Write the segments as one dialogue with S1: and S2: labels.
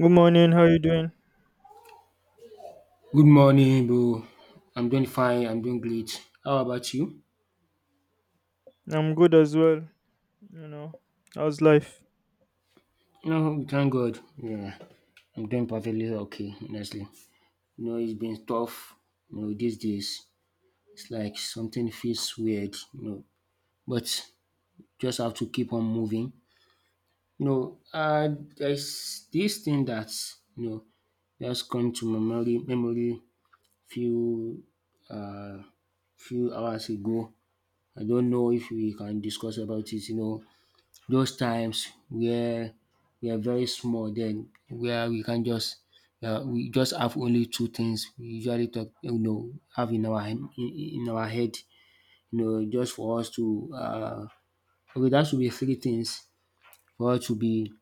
S1: Good morning. How you doing?
S2: Good morning, bro. I'm doing fine. I'm doing great. How about you?
S1: I'm good as well. You know, How's life?
S2: No, we thank God. Yeah, I'm doing perfectly okay, honestly. You know, it's been tough. You know, these days, it's like something feels weird. But just have to keep on moving. You know, uh, there's this thing that just come to my memory few uh few hours ago. I don't know if we can discuss about it. You know, those times where we are very small then where we can just we just have only two things we usually talk, you know, have in our head, just for us to okay, that should be three things for us to be,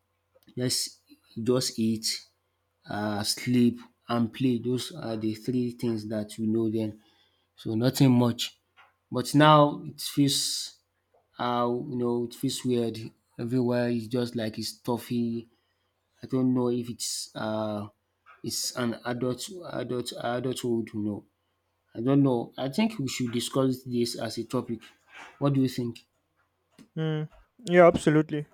S2: just just eat, sleep, and play. Those are the three things that we know then. So nothing much. But now it feels, you know, it feels weird. Everywhere is just like it's stuffy. I don't know if it's it's an adulthood. No, I don't know. I think we should discuss this as a topic. What do you think?
S1: Mm. Yeah, absolutely.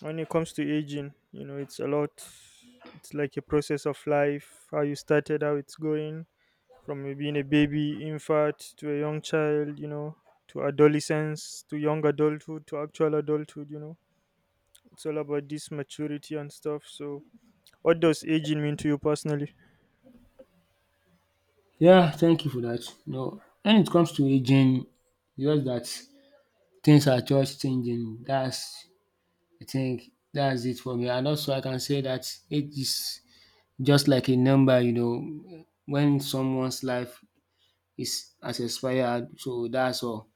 S1: When it comes to aging, it's a lot. It's like a process of life. How you started, how it's going, from you being a baby, infant, to a young child. To adolescence, to young adulthood, to actual adulthood. It's all about this maturity and stuff. So, what does aging mean to you personally?
S2: Yeah, thank you for that. No, when it comes to aging, just that things are just changing. That's, I think, that's it for me. And also, I can say that age is just like a number. You know, when someone's life is has expired, so that's all.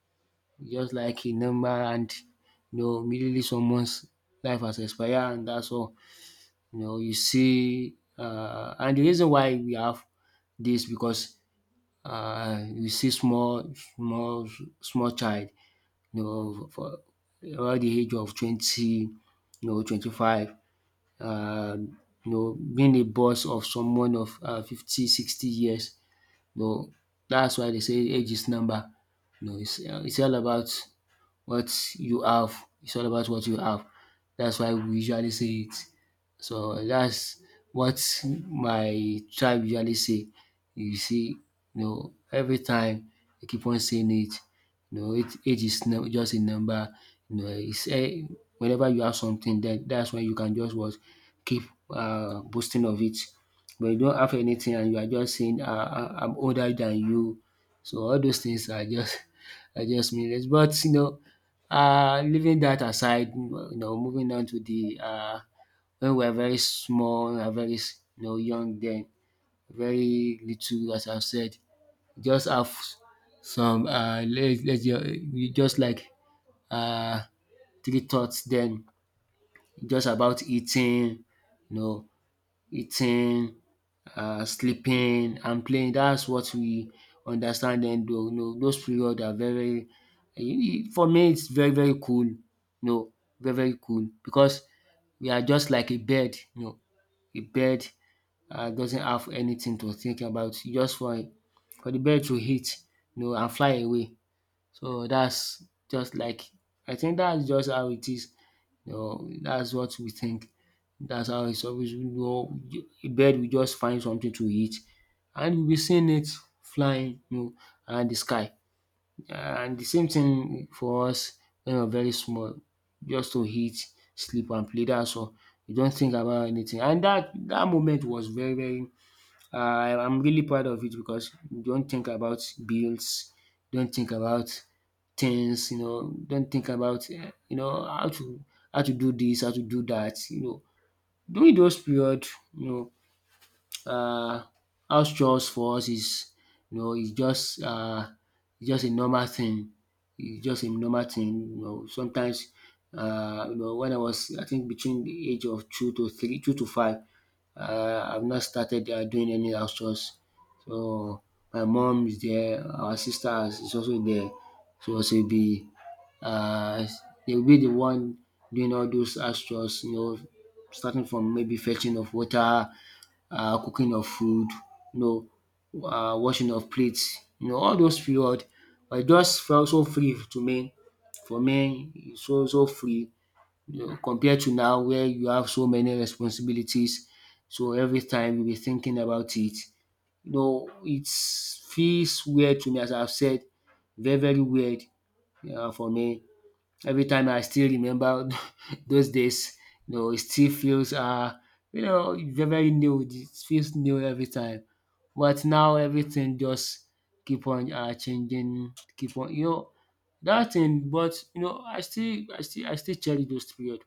S2: Just like a number. And you know immediately someone's life has expired and that's all. You know, you see, and the reason why we have this because, you see small small small child, you know, for around the age of 20, you know 25, uh, you know, being a boss of someone of 50, 60 years, you know. That's why they say age is number. It's all about what you have. It's all about what you have. That's why we usually say it. So that's what my tribe usually say. You see, you know, every time they keep on saying it. You know, age is just a number. You know, it's eh, whenever you have something, then that's when you can just what keep boasting of it. But you don't have anything, and you are just saying, "I'm older than you." So all those things are just are just meaningless. But you know, leaving that aside, you know, moving on to the, when we're very small, when we're very, you know, young then, very little, as I've said, just have some, we just like, uh, three thoughts then, just about eating, you know, eating, sleeping and playing. That's what we understand dem do. You know those period are very, for me it's very very cool, you know, very very cool, because we are just like a bird, you know, a bird doesn't have anything to think about, just for the bird to hit, you know, and fly away. So that's just like, I think that's just how it is. You know, that's what we think. That's how it's always. You know, a bird will just find something to eat, and we will be seeing it flying, you know, around the sky. And the same thing for us when we're very small, just to eat, sleep, and play. That's all. You don't think about anything. And that moment was very very, I'm really proud of it because you don't think about bills, don't think about things, you know, don't think about, you know, how to, how to do this, how to do that, you know. During those period, you know, um house chores for us is, is just, is just a normal thing. It's just a normal thing, you know. Sometimes, you know, when I was, I think, between the age of two to five, I've not started doing any house chores. So my mom is there, our sister is also there, so she will be, um they will be the one doing all those house chores, you know, starting from maybe fetching of water, cooking of food, you know, washing of plates, you know, all those period. But it just felt so free to me. For me is so so free, you know, compared to now where you have so many responsibilities. So every time you be thinking about it. You know it feels weird to me, as I've said, very very weird, for me. Every time I still remember those days, you know, it still feels, you know, very very new. It feels new every time. But now everything just keep on, changing, keep on, you know, that thing. But you know, I still cherish those period.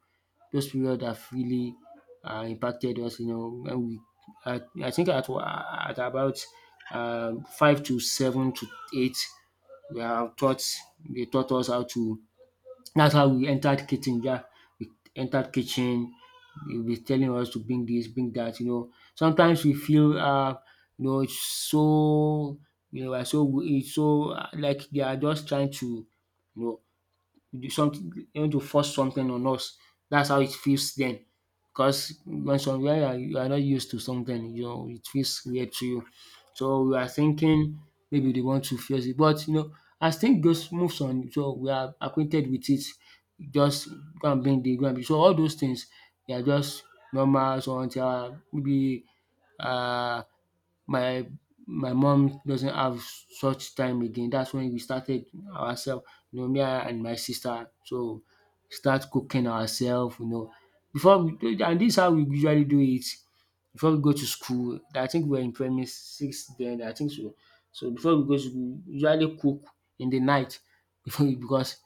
S2: Those period have really, impacted us. You know, when we, I think at at about, five to seven to eight, we are taught, they taught us how to, that's how we entered kitchen. Yeah, we entered kitchen. They'll be telling us to bring this, bring that. You know, sometimes we feel, you know, it's so, you know, we're so, it's so, like they are just trying to, you know, you do something, you want to force something on us. That's how it feels then. Because when somewhere you are not used to something, you know, it feels weird to you. So we are thinking maybe they want to face it. But you know, as things goes moves on, so we are acquainted with it. Just go and bring, the go and bring. So all those things, they are just normal, so until, maybe uh my mom doesn't have such time again. That's when we started ourselves, you know, me and my sister. So start cooking ourselves, you know. Before we do, and this is how we usually do it. Before we go to school, I think we were in primary six then, I think so. So before we go to school, we usually cook in the night before we, because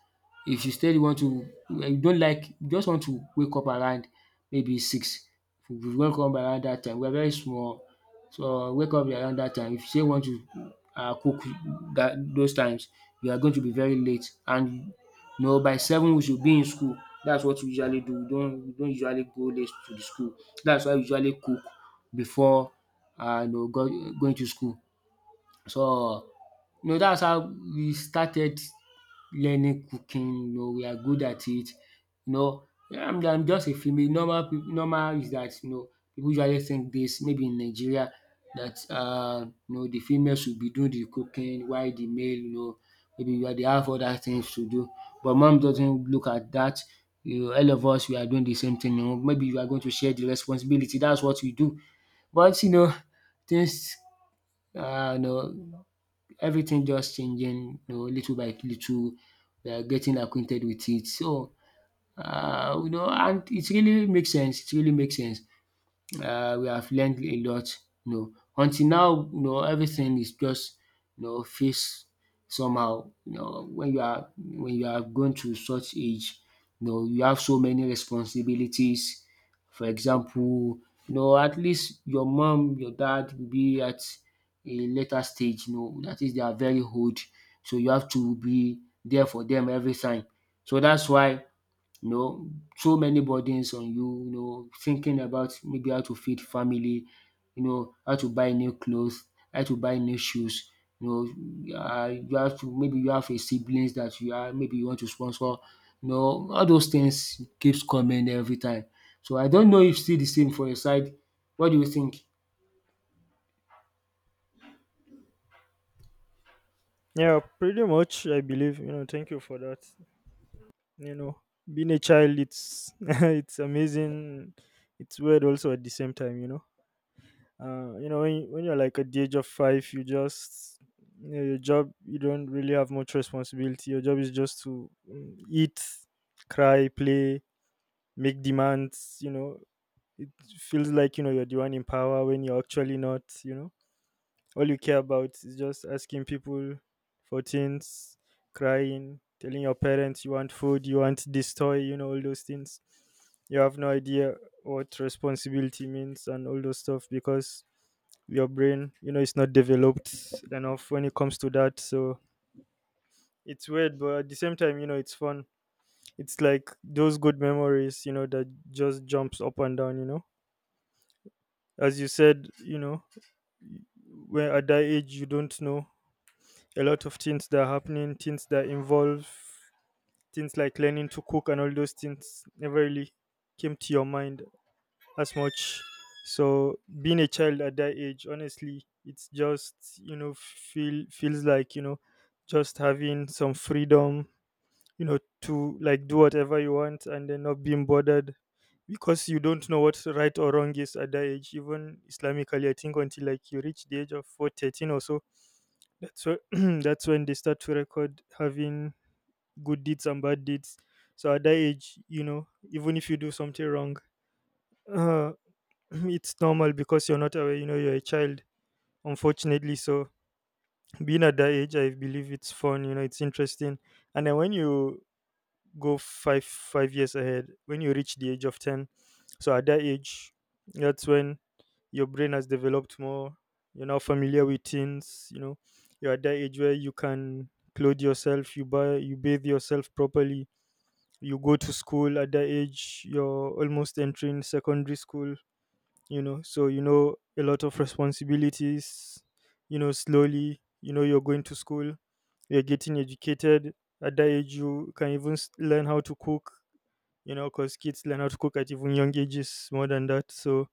S2: if you still want to, you don't like, you just want to wake up around maybe six. We wake up around that time. We're very small, so wake up around that time. If you still want to cook that those times, you are going to be very late, and you know by seven we should be in school. That's what we usually do. We don't usually go late to the school. That's why we usually cook before, you know, going to school. So, you know that's how we started learning cooking, you know we are good at it, you know. I'm just a female normal pip normal, is that, you know, people usually think this maybe in Nigeria that, you know, the female should be doing the cooking while the male, you know, maybe they have other things to do, but mom doesn't look at that. You know all of us we are doing the same thing, you know, maybe you are going to share the responsibility, that's what we do. But you know, things, you know, everything just changing, you know, little by little. We are getting acquainted with it. So, you know, and it really makes sense, it really makes sense. We have learned a lot, you know. Until now you know everything is just, you know, feels somehow, you know, when you are going to such age, you know you have so many responsibilities. For example, you know at least your mom your dad will be at a later stage, you know, that is they are very old, so you have to be there for them every time. So that's why, you know, so many burdens on you, you know, thinking about maybe how to feed family, you know, how to buy new clothes, how to buy new shoes. You know, you have to, maybe you have a siblings that you are, maybe you want to sponsor. You know, all those things keeps coming every time. So I don't know if still the same for your side. What do you think?
S1: Yeah, pretty much. I believe. Thank you for that. you know Being a child, it's it's amazing. It's weird also at the same time. When, when you're like at the age of five, you just, your job, you don't really have much responsibility. Your job is just to eat, cry, play, make demands. It feels like you're the one in power when you're actually not. All you care about is just asking people for things, crying, telling your parents you want food, you want this toy, all those things. You have no idea what responsibility means and all those stuff because your brain, it's not developed enough when it comes to that. So it's weird, but at the same time, it's fun. It's like those good memories, that just jumps up and down. As you said, when at that age you don't know a lot of things that are happening, things that involve things like learning to cook and all those things never really came to your mind as much. So being a child at that age, honestly, it's just feels like, just having some freedom, to like do whatever you want and then not being bothered because you don't know what right or wrong is at that age. Even Islamically, I think until like you reach the age of 4 13 or so, that's when that's when they start to record having good deeds and bad deeds. So at that age, even if you do something wrong, uh, it's normal because you're not aware. You know, you're a child. Unfortunately, so being at that age, I believe it's fun. It's interesting. And then when you go five years ahead, when you reach the age of 10. So at that age, that's when your brain has developed more. You're now familiar with things. You're at that age where you can clothe yourself, you bathe yourself properly. You go to school. At that age, you're almost entering secondary school. so, a lot of responsibilities, slowly, you're going to school, you're getting educated. At that age, you can even learn how to cook, because kids learn how to cook at even young ages more than that. So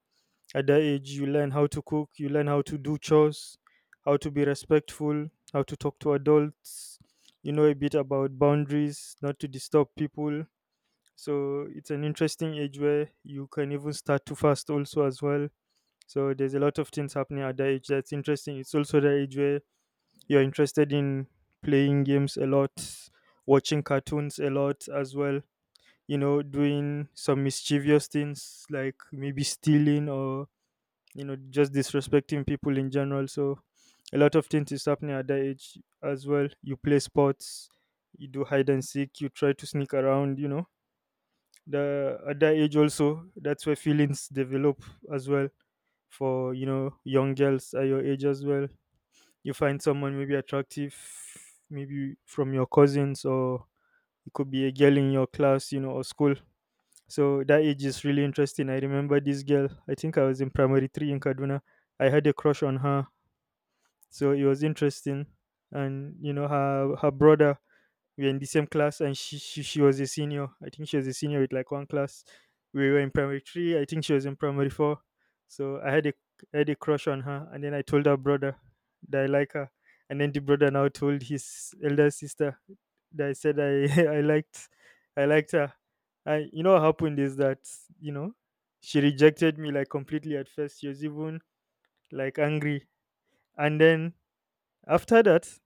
S1: at that age, you learn how to cook, you learn how to do chores, how to be respectful, how to talk to adults, a bit about boundaries, not to disturb people. So it's an interesting age where you can even start to fast also as well. So there's a lot of things happening at that age that's interesting. It's also the age where you're interested in playing games a lot, watching cartoons a lot as well, doing some mischievous things like maybe stealing or, just disrespecting people in general. So a lot of things is happening at that age as well. You play sports, you do hide and seek, you try to sneak around. The at that age also, that's where feelings develop as well for, young girls at your age as well. You find someone maybe attractive, maybe from your cousins, or it could be a girl in your class, or school. So that age is really interesting. I remember this girl. I think I was in primary three in Kaduna. I had a crush on her, so it was interesting. And her brother, we were in the same class, and she was a senior. I think she was a senior with like one class. We were in primary three, I think she was in primary four. So I had a crush on her, and then I told her brother that I like her, and then the brother now told his elder sister that I said I I liked her. I you know what happened is that, you know she rejected me, like, completely. At first she was even like angry, and then after that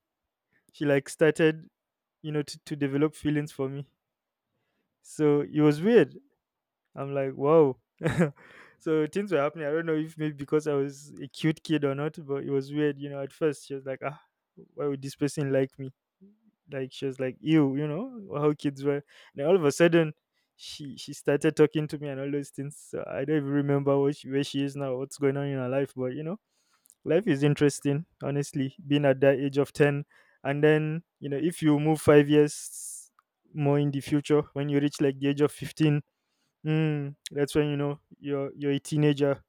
S1: she like started, to develop feelings for me. So it was weird. I'm like, wow. So things were happening. I don't know if maybe because I was a cute kid or not, but it was weird. At first she was like, ah, why would this person like me? Like she was like, ew, how kids were. And all of a sudden, she started talking to me and all those things. So I don't even remember what she, where she is now, what's going on in her life, but life is interesting, honestly. Being at that age of 10, and then, if you move 5 years more in the future, when you reach like the age of 15, that's when, you're a teenager.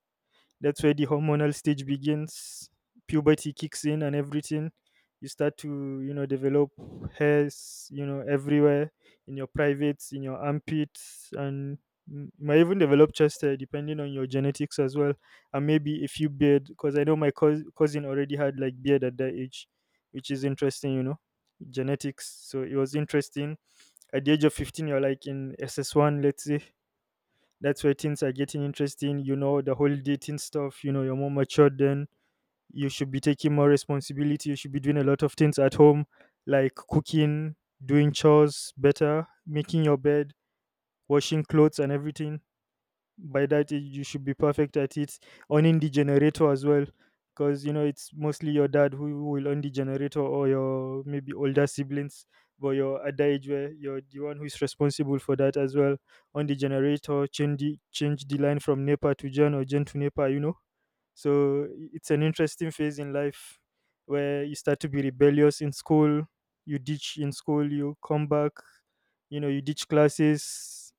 S1: That's where the hormonal stage begins, puberty kicks in, and everything. You start to, develop hairs, everywhere, in your privates, in your armpits, and you might even develop chest hair depending on your genetics as well. And maybe a few beard because I know my cousin already had like beard at that age, which is interesting. genetics. So it was interesting. At the age of 15, you're like in SS1, let's say. That's where things are getting interesting. The whole dating stuff, you're more matured then. You should be taking more responsibility. You should be doing a lot of things at home, like cooking, doing chores better, making your bed, washing clothes, and everything. By that age you should be perfect at it. Owning the generator as well, because, it's mostly your dad who will own the generator, or your maybe older siblings, but you're at the age where you're the one who's responsible for that as well. On the generator, change the line from NEPA to gen, or gen to NEPA. so, it's an interesting phase in life where you start to be rebellious in school. You ditch in school, you come back. You ditch classes,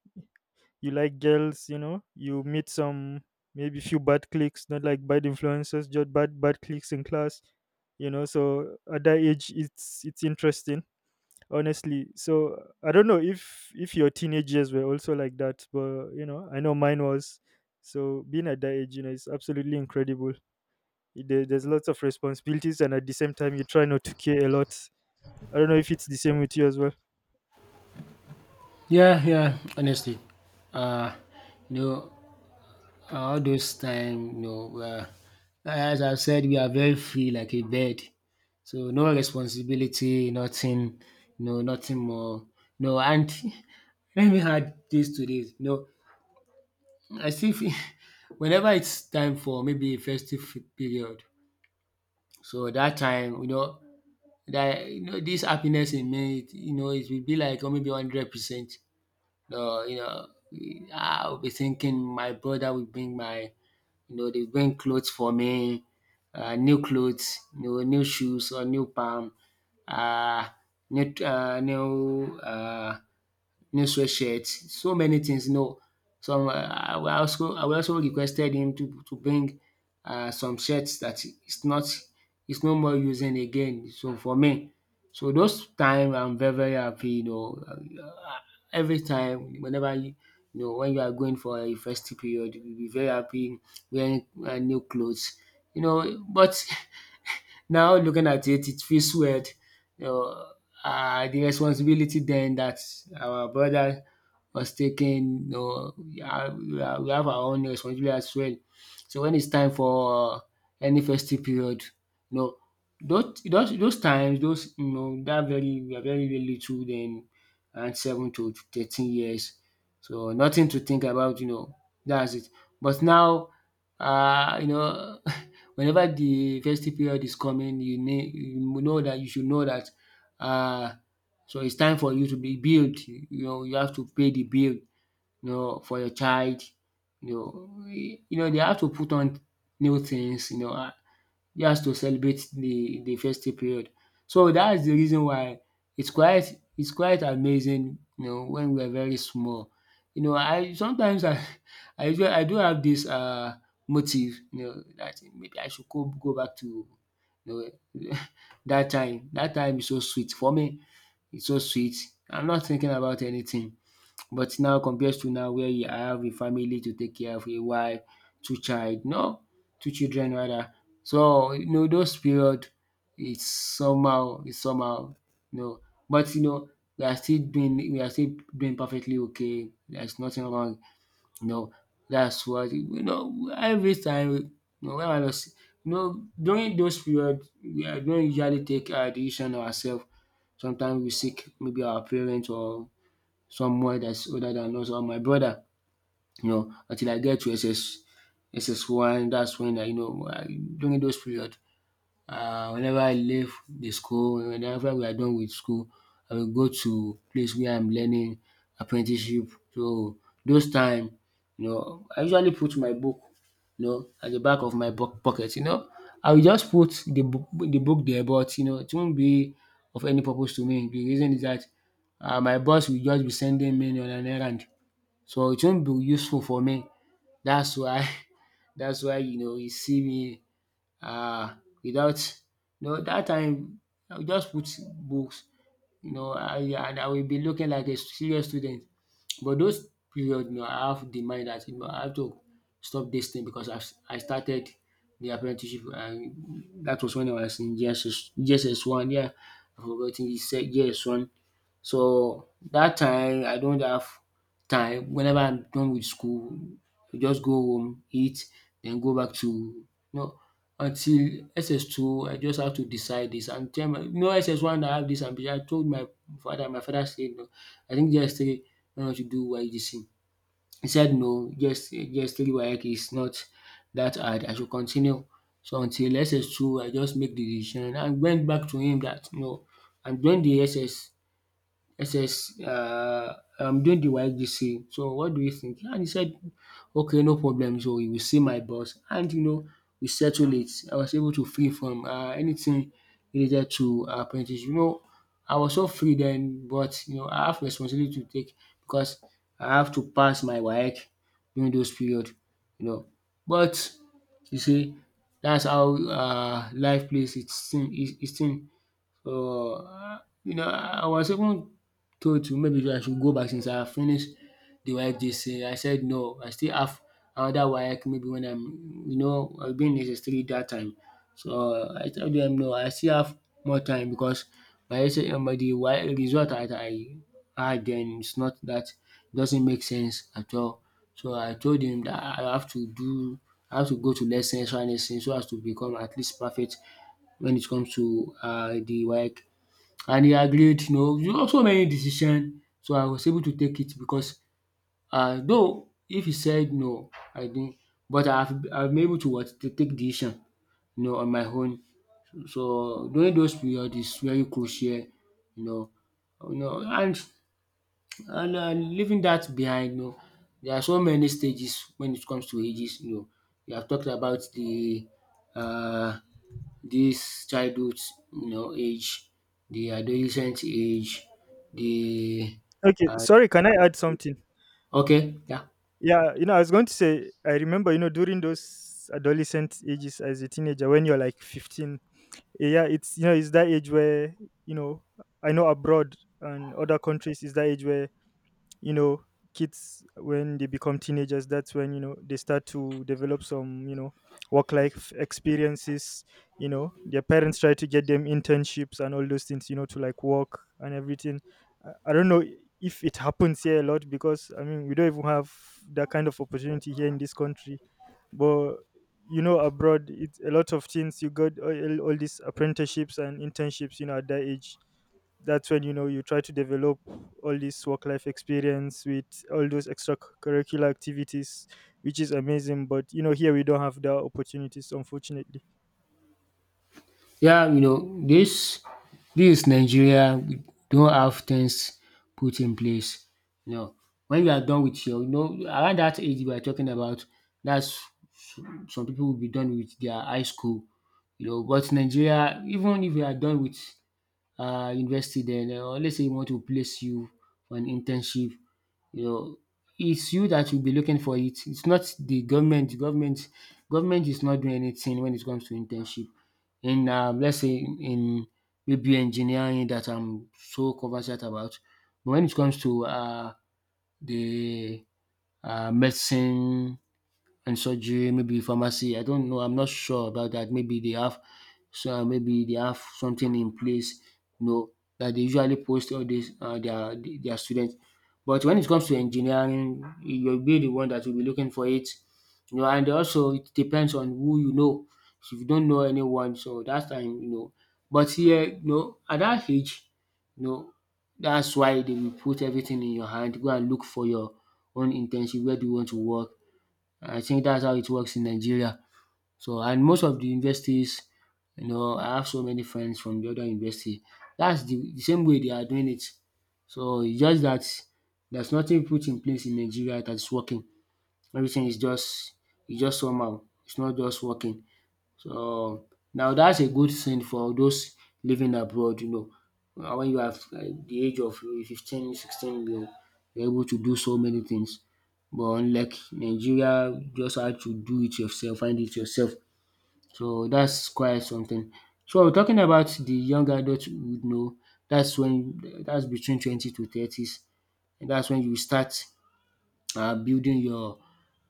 S1: you like girls, you meet some maybe few bad cliques, not like bad influences, just bad, bad cliques in class. So at that age, it's interesting, honestly. So I don't know if your teenage years were also like that, but, I know mine was. So being at that age, is absolutely incredible. There's lots of responsibilities, and at the same time, you try not to care a lot. I don't know if it's the same with you as well.
S2: Yeah, yeah. Honestly, uh, you know, all those time, you know, as I said, we are very free like a bird. So no responsibility, nothing, no, nothing more. No, and let me add this to this. No, as if whenever it's time for maybe a festive period, so that time, you know, that you know, this happiness in me, it, you know, it will be like oh, maybe 100%. No, you know, I'll be thinking my brother will bring they bring clothes for me, new clothes, you know, new shoes or new palm, uh, new, new sweatshirt, so many things. You know, Some I will also requested him to bring some shirts that not it's no more using again so for me. So those time I'm very happy, you know. Every time, whenever you you know when you are going for a festive period, you will be very happy wearing new clothes, you know. But now looking at it, it feels weird, you know, the responsibility then that our brother was taken. You know, we have our own responsibility as well. So when it's time for any festive period, you know, those times, those, you know, that very we are very little then, around 7 to 13 years. So nothing to think about, you know. That's it. But now, you know, whenever the festive period is coming, you need you know that you should know that uh so it's time for you to be built. You know, you have to pay the bill, you know, for your child, you know. You know, they have to put on new things, you know, ah, just to celebrate the festive period. So that's the reason why it's quite amazing, you know, when we are very small. You know, I sometimes I I usually I do have this motive, you know, that maybe I should go back to, you know, that time. That time is so sweet for me. It's so sweet. I'm not thinking about anything. But now compared to now where you I have a family to take care of, a wife, two child, no, two children rather. So you know those period it's somehow, you know. But you know we are still doing perfectly okay. There's nothing wrong, you know, that's what you know, every time when I was, you know, during those periods, we are don't usually take our decision ourself. Sometimes we seek maybe our parents or someone that's older than us or my brother, you know, until I get to SS one, that's when I you know I, during those periods, whenever I leave the school, whenever we are done with school, I will go to place where I'm learning apprenticeship. So those time, you know, I usually put my book, you know, at the back of my pocket, you know. I will just put the book there, but you know, it won't be of any purpose to me. The reason is that my boss will just be sending me on an errand, so it won't be useful for me. That's why, that's why you know, you see me um without you know dat time I would just put books, you know. And I will be looking like a serious student, but those period, you know, I have the mind that you know I have to stop this thing because I started the apprenticeship, and that was when I was in JSS one. Yeah, I forgot said JSS one. So that time I don't have time. Whenever I'm done with school, I just go home, eat, then go back to, you know, until SS2. I just have to decide this and tell my, you know, SS1 I have this ambition. I told my father. My father said no, I think JS3, why not you do YGC. He said no, JS3 is not that hard, I should continue. So until SS2 I just make de decision and went back to him that no, I am join de SS. I says, I'm doing the YGC. So what do you think? And he said, okay, no problem. So you will see my boss. And, you know, we settled it. I was able to free from anything related to apprentice. You know, I was so free then, but, you know, I have responsibility to take because I have to pass my work during those period, you know. But, you see, that's how life plays its thing. Its thing. Uh, you know, I was even told to maybe I should go back since I finished the YJC. I said no, I still have another WAEC maybe when I'm, you know, I've been in SS3 that time. So I told them no, I still have more time because my SS, the WAEC result that I had then, it's not that it doesn't make sense at all. So I told him that I have to go to lessons and lessons so as to become at least perfect when it comes to the WAEC, and he agreed. You know so many decision, so I was able to take it because though if he said no I didn't, but I've been able to what to take decision, you know, on my own. So during those period is very crucial, you know. You know and and leaving that behind, you know, there are so many stages when it comes to ages, you know. We have talked about the uh, this childhood, you know, age, the adolescent age, the
S1: Okay,
S2: uh,
S1: sorry, can I add something?
S2: okay yeah.
S1: Yeah, you know, I was going to say, I remember, you know, during those adolescent ages as a teenager, when you're like 15, yeah, it's that age where, you know, I know abroad and other countries is that age where you know kids when they become teenagers, that's when, they start to develop some, work life experiences. You know, their parents try to get them internships and all those things, you know, to like work and everything. I don't know if it happens here a lot, because I mean we don't even have that kind of opportunity here in this country. But, you know, abroad it's a lot of things. You got all these apprenticeships and internships, you know, at that age. That's when, you know, you try to develop all this work life experience with all those extracurricular activities, which is amazing. But, you know, here we don't have the opportunities, unfortunately.
S2: Yeah, you know, this is Nigeria. We don't have things put in place. You know, when you are done with your, you know, around that age we are talking about, that's some people will be done with their high school. You know, but Nigeria, even if you are done with university then or let's say e want to place you for an internship, you know, it's you that will be looking for it. It's not the government. Government is not doing anything when it comes to internship. In let's say in maybe engineering that I'm so conversant about, but when it comes to the medicine and surgery, maybe pharmacy. I don't know. I'm not sure about that. Maybe they have so maybe they have something in place, you know, that they usually post all this their students. But when it comes to engineering, you'll be the one that will be looking for it, you know. And also, it depends on who you know. If you don't know anyone, so that's time, you know. But here, you know, at that age, you know, that's why they will put everything in your hand. Go and look for your own internship. Where do you want to work? I think that's how it works in Nigeria. So and most of the universities, you know, I have so many friends from the other university. That's the same way they are doing it. So it's just that there's nothing put in place in Nigeria that's working. Everything is just it's just somehow. It's not just working. So now that's a good thing for those living abroad, you know. When you are the age of 15, 16, you're able to do so many things. But unlike Nigeria, you just had to do it yourself, find it yourself. So that's quite something. So we're talking about the young adult, you know, that's between 20 to 30s, and that's when you start building your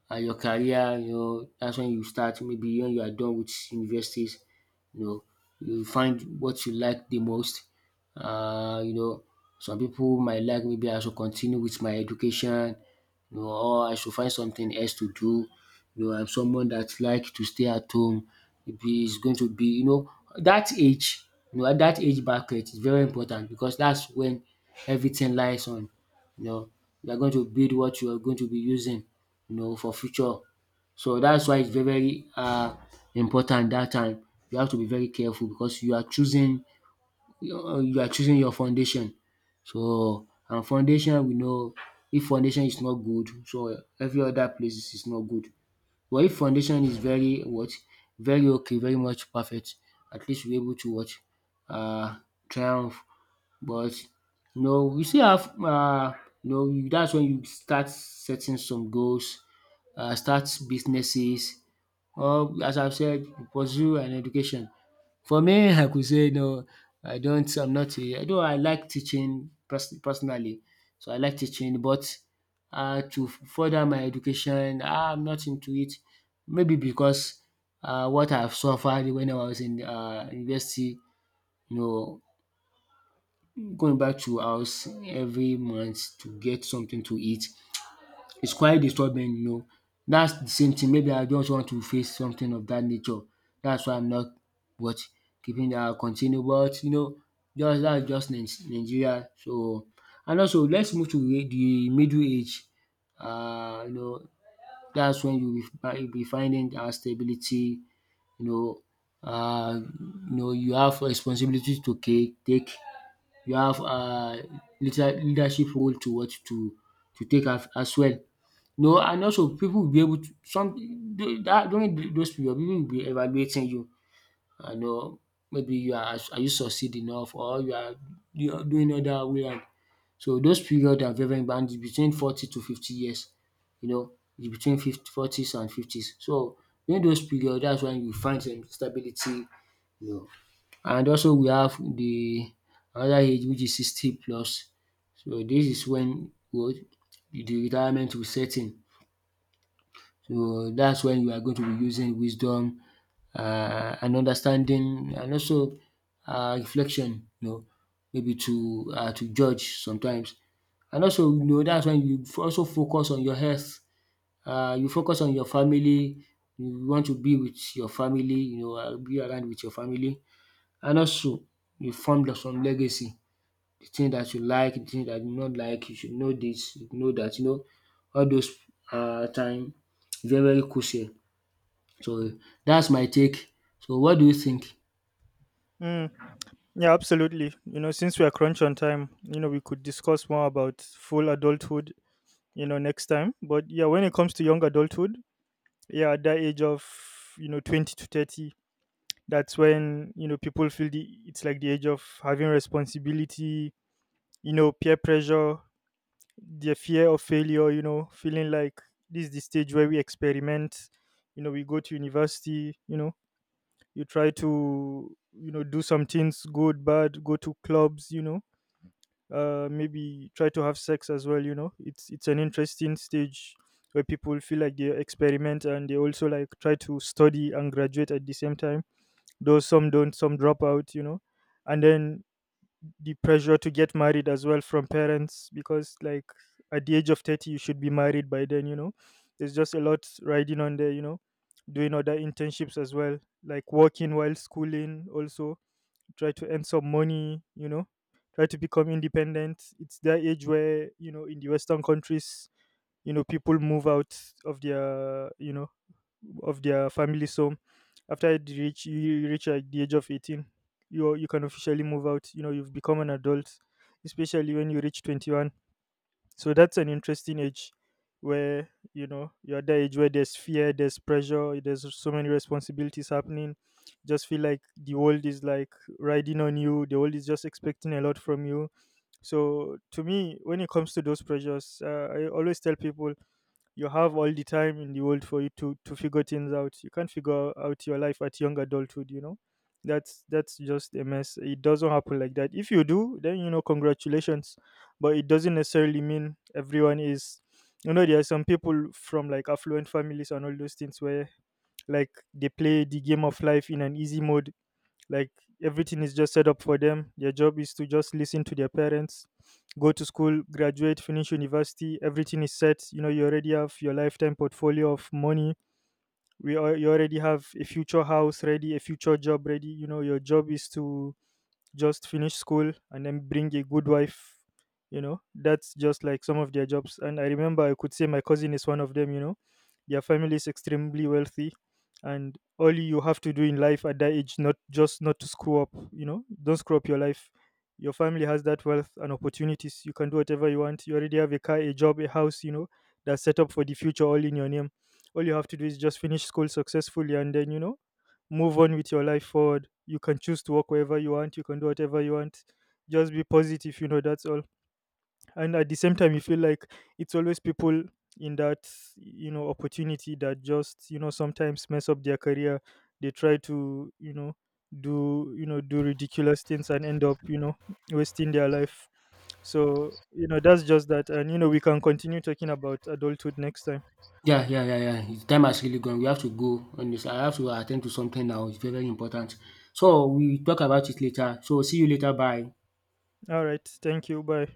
S2: and your career, you know, that's when you start maybe when you are done with universities, you know, you find what you like the most. You know, some people might like maybe I should continue with my education, you know, or I should find something else to do. You know, I'm someone that like to stay at home. Maybe it's going to be, you know, that age, you know, at that age bracket is very important because that's when everything lies on. You know, you are going to build what you are going to be using, you know, for future. So that's why it's very important. That time. You have to be very careful because you are choosing your foundation. So and foundation we know, if foundation is not good, so every other places is not good. But if foundation is very what, very okay, very much perfect, at least you able to what, uh triumph. But you know you still have you know dat's wen you start setting some goals, start businesses, or as I've said, you pursue an education. For me, I could say no, I don't I'm not a although I like teaching personally, so I like teaching. But to further my education, I'm not into it, maybe because what I've suffered when I was in university, you know, going back to house every month to get something to eat is quite disturbing, you know. That's the same thing, maybe I just want to face something of that nature. That's why I'm not what keeping that continue. But you know, just that's just Nigeria, so and also let's move to the middle age. You know, that's when you be finding our stability, you know. You know, you have responsibilities to take, you have leadership role to what to take as well. No, and also people will be able to some du- that during th- those period pipu will be evaluating you. I know maybe you are you succeed enough or you are doing other way round. So those period are very important, and between 40 to 50 years, you know, it's between fifty 40s and 50s. So during those period, that's when you find some stability. And also we have the another age which is 60 plus. So this is when what the retirement will set in. So that's when you are going to be using wisdom, and understanding, and also reflection, you know, maybe to judge sometimes. And also you know that's when you also focus on your health. You focus on your family, you want to be with your family, you know, be around with your family. And also you formed some legacy. The thing that you like, the thing that you not like, you should know this, you know that. You know, all those time very very crucial. So that's my take. So what do you think?
S1: mm, yeah, absolutely, you know, since we are crunch on time, you know, we could discuss more about full adulthood, you know, next time. But yeah, when it comes to young adulthood, yeah, at that age of, you know, 20 to 30, that's when, you know, people feel the, it's like the age of having responsibility, you know, peer pressure, the fear of failure, you know, feeling like this is the stage where we experiment, you know, we go to university, you know, you try to, you know, do some things, good, bad, go to clubs, you know, maybe try to have sex as well, It's an interesting stage where people feel like they experiment, and they also like try to study and graduate at the same time. Though some don't, some drop out, you know. And then the pressure to get married as well from parents, because like at the age of 30 you should be married by then, you know. There's just a lot riding on there, you know, doing other internships as well, like working while schooling, also try to earn some money, you know, try to become independent. It's that age where, you know, in the western countries, you know, people move out of their, you know, of their family. So after you reach like the age of 18, you can officially move out. You know, you've become an adult, especially when you reach 21. So that's an interesting age where, you know, you're at the age where there's fear, there's pressure, there's so many responsibilities happening. Just feel like the world is like riding on you. The world is just expecting a lot from you. So to me, when it comes to those pressures, I always tell people you have all the time in the world for you to figure things out. You can't figure out your life at young adulthood, that's just a mess. It doesn't happen like that. If you do, then, you know, congratulations, but it doesn't necessarily mean everyone is, you know. There are some people from like affluent families and all those things where like they play the game of life in an easy mode, like everything is just set up for them. Their job is to just listen to their parents, go to school, graduate, finish university. Everything is set, you know. You already have your lifetime portfolio of money. You already have a future house ready, a future job ready, you know. Your job is to just finish school and then bring a good wife, you know. That's just like some of their jobs. And I remember, I could say my cousin is one of them, you know. Their family is extremely wealthy, and all you have to do in life at that age, not just not to screw up, you know, don't screw up your life. Your family has that wealth and opportunities, you can do whatever you want. You already have a car, a job, a house, you know, that's set up for the future, all in your name. All you have to do is just finish school successfully, and then, you know, move on with your life forward. You can choose to walk wherever you want. You can do whatever you want. Just be positive, you know. That's all. And at the same time, you feel like it's always people in that, you know, opportunity that just, you know, sometimes mess up their career. They try to, you know, do, you know, do ridiculous things and end up, you know, wasting their life. So, you know, that's just that, and you know we can continue talking about adulthood next time.
S2: Yeah yeah yeah yeah. The time has really gone. We have to go on this. I have to attend to something now. It's very very important. So we talk about it later. So see you later. Bye.
S1: All right, thank you. Bye.